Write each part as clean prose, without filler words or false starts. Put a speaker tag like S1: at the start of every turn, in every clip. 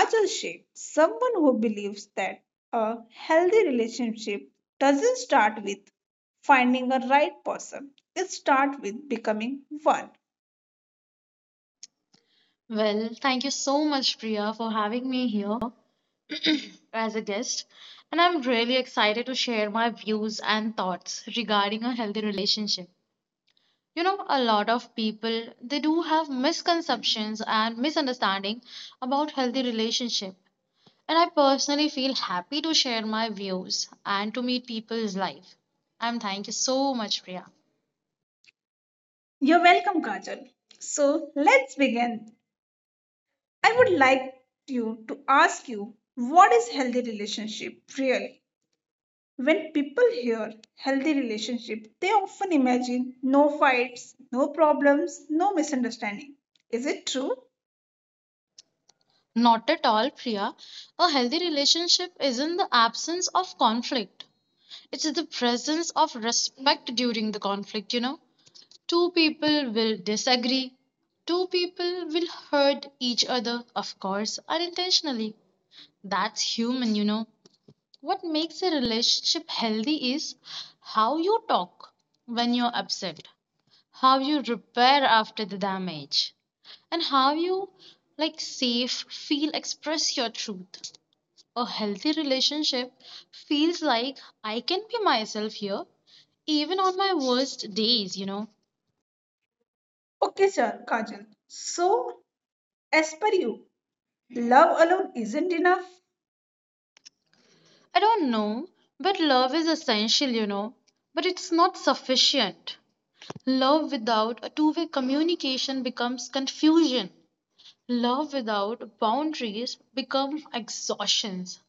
S1: Kajal Sheikh, someone who believes that a healthy relationship doesn't start with finding a right person. It starts with becoming one.
S2: Well, thank you so much, Priya, for having me here as a guest. And I'm really excited to share my views and thoughts regarding a healthy relationship. A lot of people they do have misconceptions and misunderstanding about healthy relationship. And I personally feel happy to share my views and to meet people's life. And thank you so much, Priya.
S1: You're welcome, Kajal. So let's begin. I would like you to ask you, what is healthy relationship really? When people hear healthy relationship, they often imagine no fights, no problems, no misunderstanding. Is it true?
S2: Not at all, Priya. A healthy relationship isn't the absence of conflict. It's the presence of respect during the conflict. Two people will disagree, two people will hurt each other, of course, unintentionally. That's human. What makes a relationship healthy is how you talk when you're upset, how you repair after the damage, and how you like safe feel express your truth. A healthy relationship feels like I can be myself here even on my worst days,
S1: Okay, sir, Kajal. So, as per you, love alone isn't enough?
S2: I don't know, but love is essential, but it's not sufficient. Love without a two-way communication becomes confusion. Love without boundaries becomes exhaustions.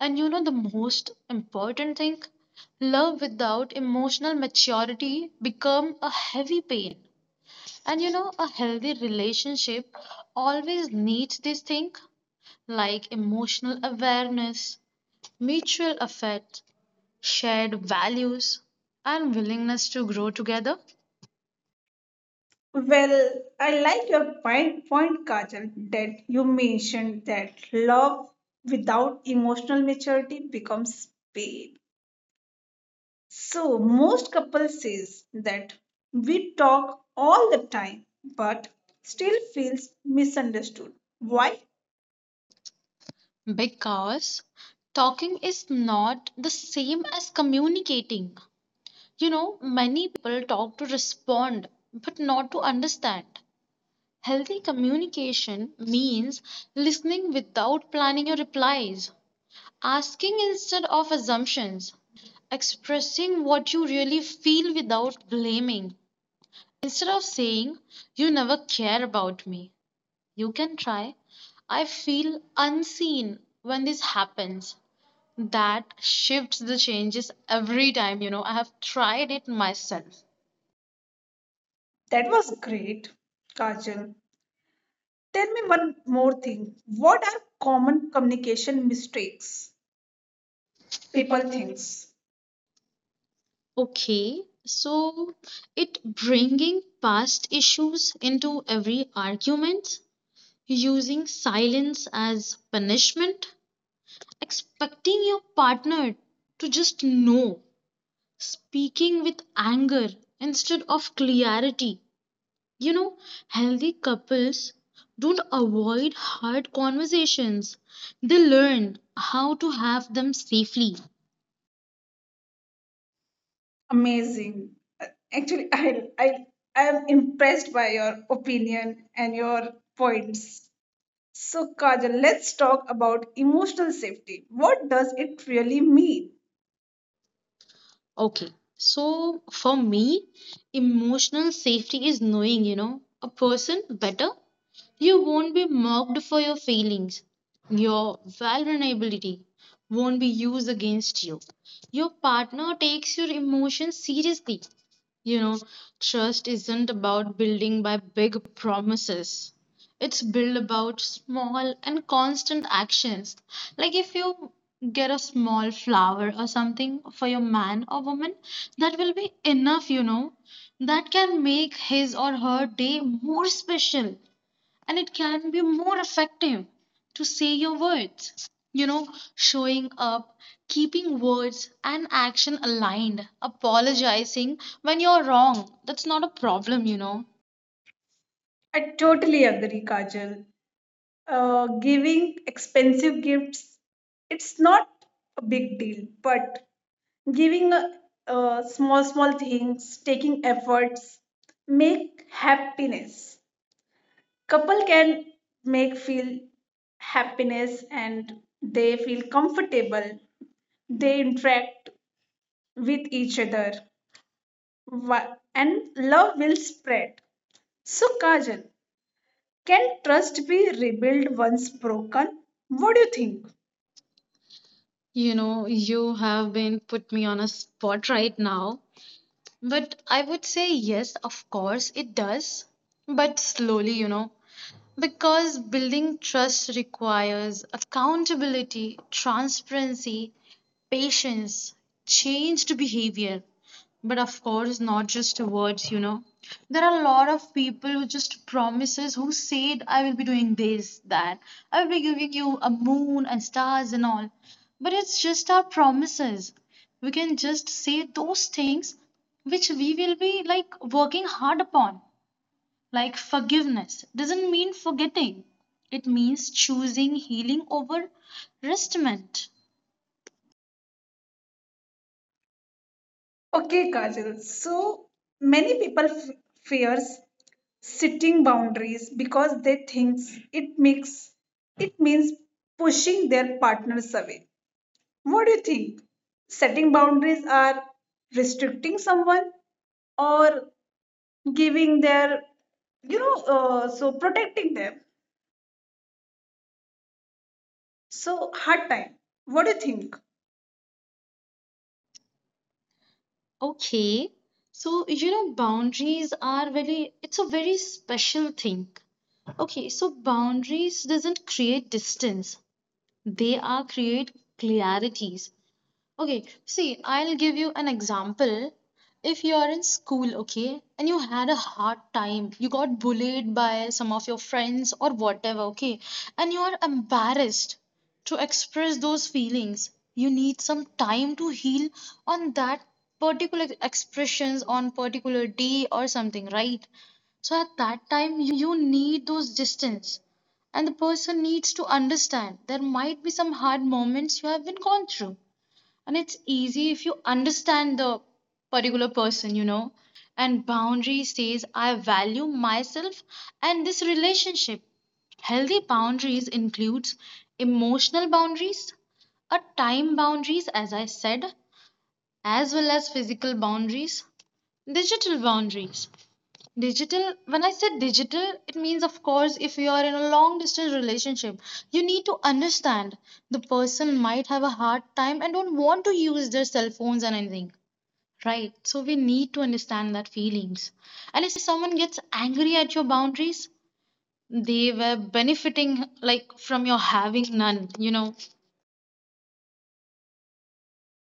S2: And you know the most important thing? Love without emotional maturity become a heavy pain. And a healthy relationship always needs this thing like emotional awareness, mutual affect, shared values, and willingness to grow together.
S1: Well, I like your point, Kajal, that you mentioned that love without emotional maturity becomes pain. So most couples says that we talk all the time but still feels misunderstood. Why?
S2: Because talking is not the same as communicating. Many people talk to respond, but not to understand. Healthy communication means listening without planning your replies, asking instead of assumptions, expressing what you really feel without blaming, instead of saying, "You never care about me." You can try, "I feel unseen when this happens." That shifts the changes every time. I have tried it myself.
S1: That was great. Kajal, tell me one more thing. What are common communication mistakes
S2: People
S1: people thinks?
S2: things. Okay, so it bringing past issues into every argument, using silence as punishment, expecting your partner to just know, speaking with anger instead of clarity. You know, healthy couples don't avoid hard conversations. They learn how to have them safely.
S1: Amazing. Uh, Actually, I I I am impressed by your opinion and your points. So Kajal, let's talk about emotional safety. What does it really mean?
S2: Okay. So for me, emotional safety is knowing, a person better. You won't be mocked for your feelings. Your vulnerability won't be used against you. Your partner takes your emotions seriously. You know, trust isn't about building by big promises. It's built about small and constant actions. Like if you get a small flower or something for your man or woman, that will be enough. That can make his or her day more special and it can be more effective to say your words. Showing up, keeping words and action aligned, apologizing when you're wrong. That's not a problem.
S1: I totally agree, Kajal. Giving expensive gifts, it's not a big deal, but giving small, small things, taking efforts, make happiness. Couple can make feel happiness and they feel comfortable. They interact with each other and love will spread. So, Kajal, can trust be rebuilt once broken? What do you think?
S2: You have been put me on a spot right now. But I would say yes, of course, it does. But slowly, because building trust requires accountability, transparency, patience, changed behavior, but of course, not just words. There are a lot of people who just promises, who said, "I will be doing this, that, I will be giving you a moon and stars and all." But it's just our promises. We can just say those things which we will be like working hard upon. Like forgiveness doesn't mean forgetting, it means choosing healing over restment.
S1: Okay, Kajal. So many people fears setting boundaries because they think it makes it means pushing their partners away. What do you think? Setting boundaries are restricting someone or giving their so protecting them. So hard time. What do you think?
S2: Okay. So, boundaries are very, it's a very special thing. Okay, so boundaries doesn't create distance. They are create clarities. Okay, see, I'll give you an example. If you're in school, okay, and you had a hard time, you got bullied by some of your friends or whatever, okay, and you're embarrassed to express those feelings, you need some time to heal on that particular expressions on particular day or something, right? So at that time, you need those distance and the person needs to understand there might be some hard moments you have been gone through and it's easy if you understand the particular person. And boundary says, "I value myself and this relationship." Healthy boundaries includes emotional boundaries, a time boundaries, as I said, as well as physical boundaries. Digital, when I said digital, it means, of course, if you are in a long distance relationship, you need to understand the person might have a hard time and don't want to use their cell phones and anything, right? So we need to understand that feelings. And if someone gets angry at your boundaries, they were benefiting like from your having none.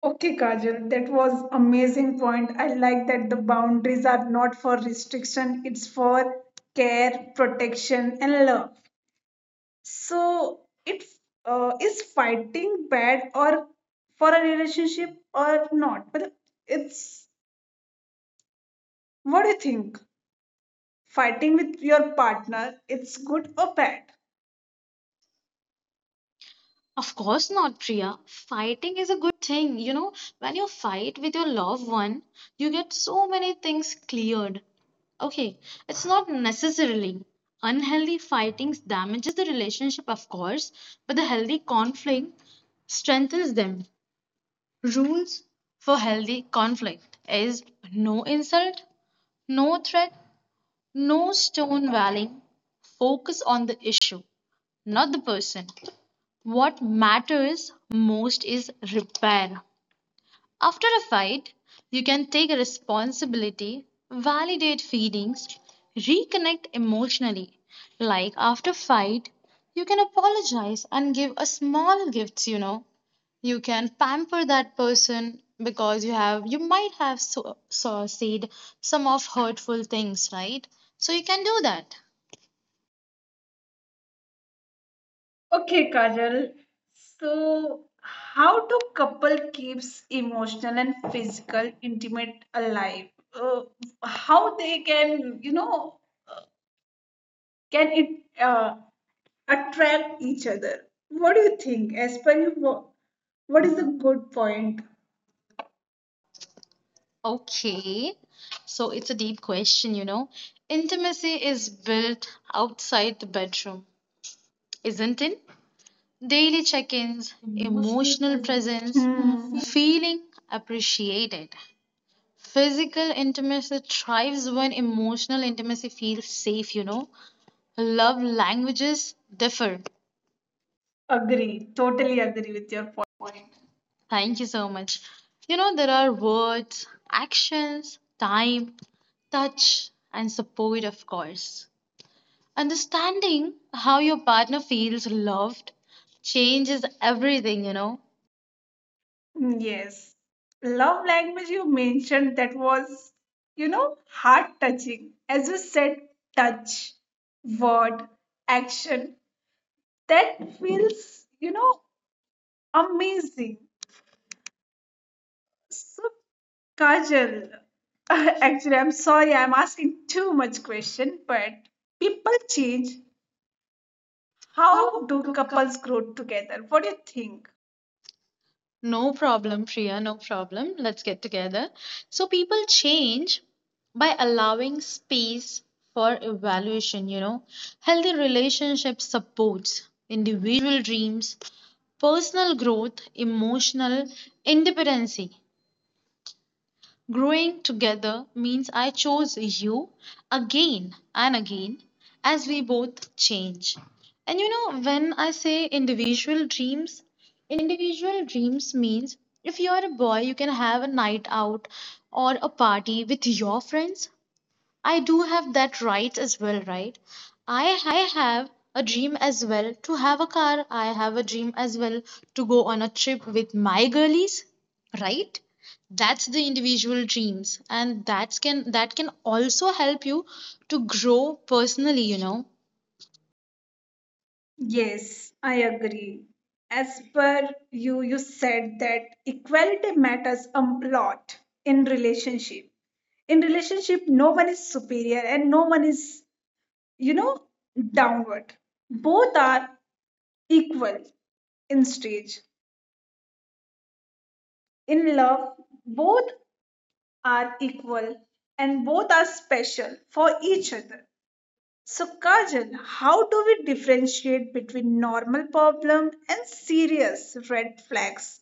S1: Okay, Kajal, that was amazing point. I like that the boundaries are not for restriction, it's for care, protection, and love. So it is fighting bad or for a relationship or not? But it's what do you think? Fighting with your partner, it's good or bad?
S2: Of course not, Priya. Fighting is a good thing. When you fight with your loved one, you get so many things cleared. Okay, it's not necessarily. Unhealthy fighting damages the relationship, of course, but the healthy conflict strengthens them. Rules for healthy conflict is no insult, no threat, no stone walling. Focus on the issue, not the person. What matters most is repair. After a fight, you can take responsibility, validate feelings, reconnect emotionally. Like after fight, you can apologize and give a small gifts, you know. You can pamper that person because you might have so said some of hurtful things, right? So you can do that.
S1: Okay, Kajal. So, how do couple keeps emotional and physical intimate alive? Uh, how they can, can it uh, attract each other? What do you think? As per you, what is the good point?
S2: Okay, so it's a deep question. Intimacy is built outside the bedroom, isn't it? Daily check ins,
S1: Emotional
S2: emotional
S1: presence.
S2: presence,
S1: Hmm.
S2: Mhm, feeling appreciated. Physical intimacy thrives when emotional intimacy feels safe. Love languages differ.
S1: Agree. Totally agree with your point.
S2: Thank you so much. There are words, actions, time, touch, and support, of course. Understanding how your partner feels loved changes everything,
S1: Yes. Love language you mentioned, that was, heart touching. As you said, touch, word, action. That feels, amazing. So Kajal, actually, I'm sorry, I'm asking too much question, but people change. How
S2: How
S1: do
S2: do couples?
S1: couples grow together? What do you think?
S2: No problem, Priya, no problem. Let's get together. So, people change by allowing space for evaluation, Healthy relationship supports individual dreams, personal growth, emotional independency. Growing together means I chose you again and again as we both change. And when I say individual dreams means if you are a boy, you can have a night out or a party with your friends. I do have that right as well, right? I have a dream as well to have a car. I have a dream as well to go on a trip with my girlies, right? That's the individual dreams and that can also help you to grow personally,
S1: Yes, I agree. As per you, you said that equality matters a lot in relationship. In relationship, no one is superior and no one is, you know, downward. Both are equal in stage. In love, both are equal and both are special for each other. So, Kajal, how do we differentiate between normal problem and serious red flags?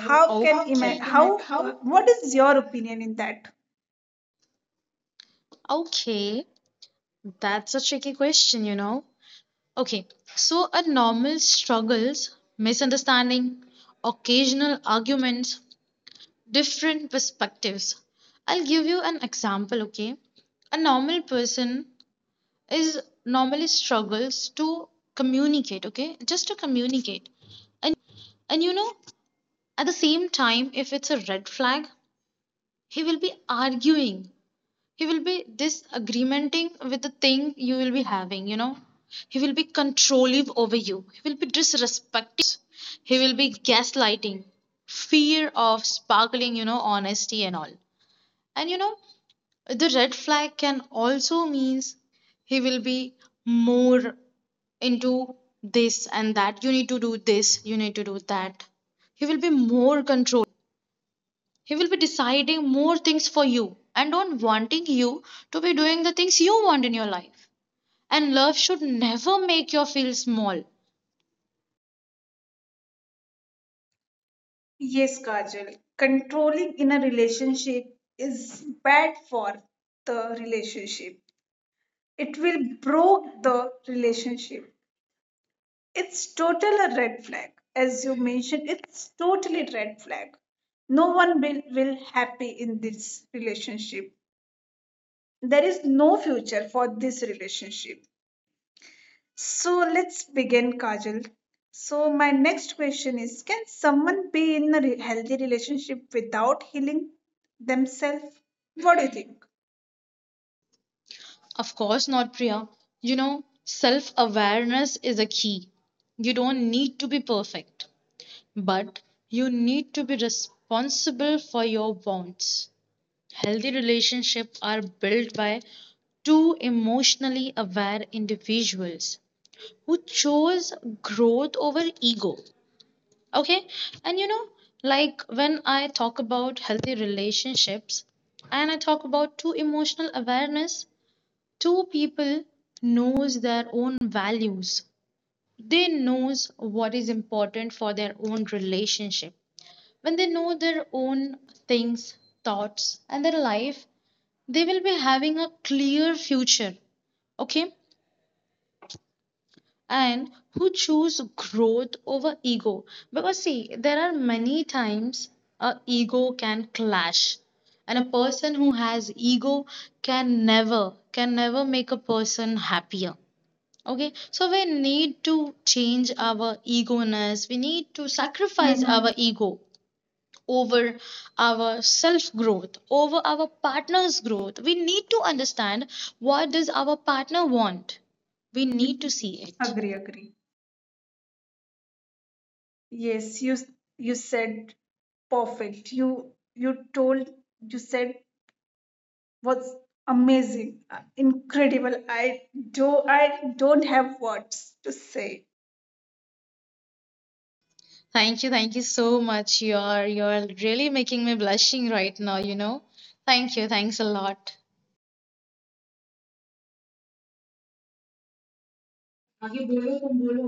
S1: How
S2: How
S1: can
S2: can
S1: ima-
S2: Okay. you make-
S1: how
S2: how-
S1: what is your opinion in that?
S2: Okay, that's a tricky question. Okay, so a normal struggles, misunderstanding, occasional arguments, different perspectives. I'll give you an example, okay? A normal person is normally struggles to communicate, okay? Just to communicate. And at the same time, if it's a red flag, he will be arguing. He will be disagreementing with the thing you will be having, He will be controlling over you. He will be disrespecting your thoughts. He will be gaslighting, fear of sparkling, honesty and all. And the red flag can also means he will be more into this and that. You need to do this, you need to do that. He will be more controlling, he will be deciding more things for you and on wanting you to be doing the things you want in your life. And love should never make you feel small.
S1: Yes, Kajal. Controlling in a relationship is bad for the relationship. It will broke the relationship. It's total a red flag. As you mentioned, it's totally red flag. No one will happy in this relationship. There is no future for this relationship. So let's begin, Kajal. So, my next question is, can someone be in a healthy relationship without healing themselves? What do you think?
S2: Of course not, Priya. you know self awareness is a key. You don't need to be perfect, but you need to be responsible for your wants. Healthy relationships are built by two emotionally aware individuals who chose growth over ego. Okay, and like when I talk about healthy relationships and I talk about two emotional awareness, two people knows their own values. They knows what is important for their own relationship. When they know their own things, thoughts, and their life, they will be having a clear future. Okay, and who choose growth over ego because see, there are many times a ego can clash, and
S1: And
S2: a
S1: a
S2: person who
S1: person
S2: has ego can never make a person happier. Okay, so we need to change our ego ness. We need to
S1: who
S2: sacrifice
S1: sacrifices. Mhm. Our
S2: our ego over our self growth over our partner's growth. We need to understand what does our partner want. We
S1: need
S2: need to
S1: to
S2: see
S1: see.
S2: it.
S1: Agree, agree. Yes, you said perfect. You told, you said, was amazing, incredible. Do I don't have words to say.
S2: Thank you, thank you so much. You're really making me blushing right now, thank you, thanks a lot.
S1: आगे बोलो तुम बोलो.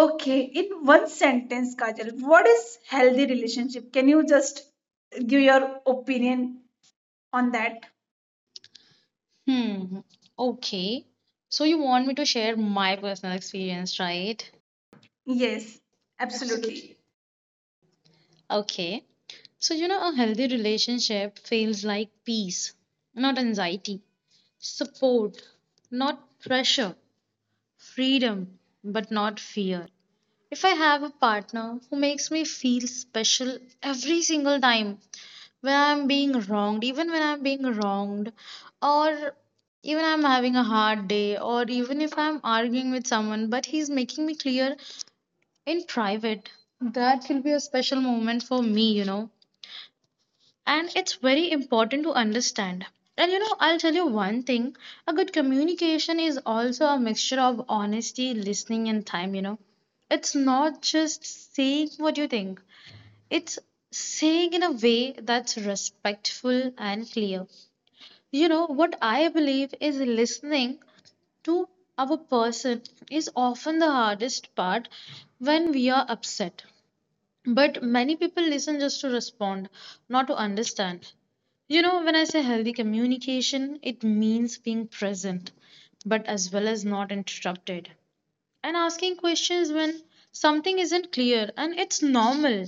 S1: Okay,
S2: in
S1: in
S2: what
S1: one sentence, Kajal, what is healthy relationship? Can you just give your opinion on that?
S2: hmm okay, so you want me to share my personal experience, right?
S1: Yes, absolutely.
S2: Okay, so a healthy relationship feels like peace, not anxiety, support, not pressure, freedom, but not fear. If I have a partner who makes me feel special every single time when I'm being wronged, even when I'm being wronged, or even I'm having a hard day, or even if I'm arguing with someone, but he's making me clear in private, that will be a special moment for me, And it's very important to understand. And I'll tell you one thing, a good communication is also a mixture of honesty, listening and time, it's not just saying what you think, it's saying in a way that's respectful and clear, what I believe is listening to our person is often the hardest part when we are upset, but many people listen just to respond, not to understand. When I say healthy communication, it means being present, but as well as not interrupted. And asking questions when something isn't clear, and it's normal,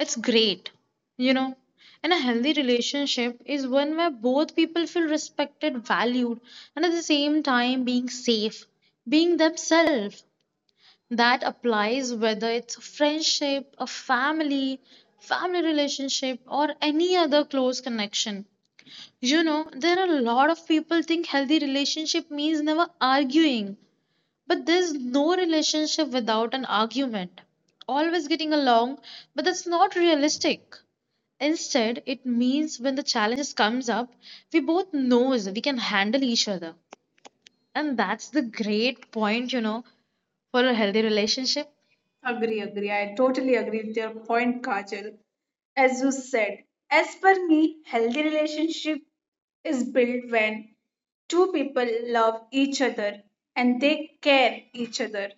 S2: it's great, you know. And a healthy relationship is one where both people feel respected, valued, and at the same time being safe, being themselves. That applies whether it's a friendship, a family relationship, or any other close connection. There are a lot of people think healthy relationship means never arguing, but there's no relationship without an argument. Always getting along, but that's not realistic. Instead, it means when the challenges comes up, we both knows we can handle each other. And that's the great point, for a healthy relationship.
S1: Agree, agree. I totally agree with your point, Kajal. As you said, as per me, healthy relationship is built when two people love each other and they care each other.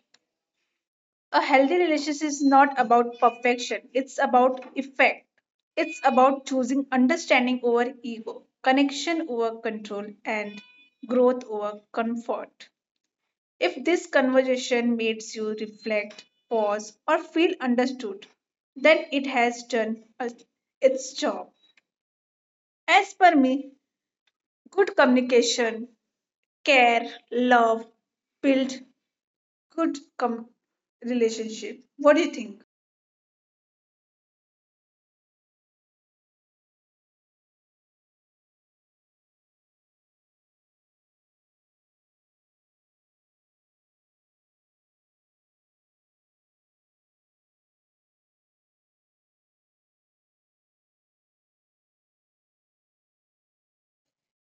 S1: A healthy relationship is not about perfection, it's about effect, it's about choosing understanding over ego, connection over control, and growth over comfort. If this conversation makes you reflect, pause, or feel understood, then it has done its job. As per me, good communication, care, love build good relationship. What do you think?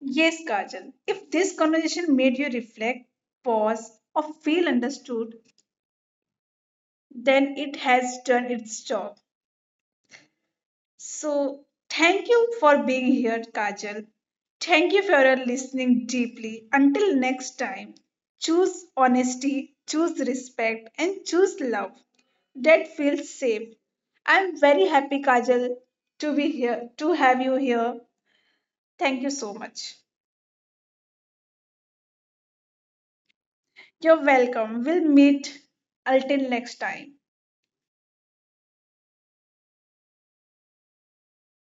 S1: Yes, Kajal. If this conversation made you reflect, pause, or feel understood, then it has done its job. So, thank you for being here, Kajal. Thank you for your listening deeply. Until next time, choose honesty, choose respect, and choose love that feels safe. I'm very happy, Kajal, to be here, to have you here. Thank you so much. You're welcome. We'll meet until next time.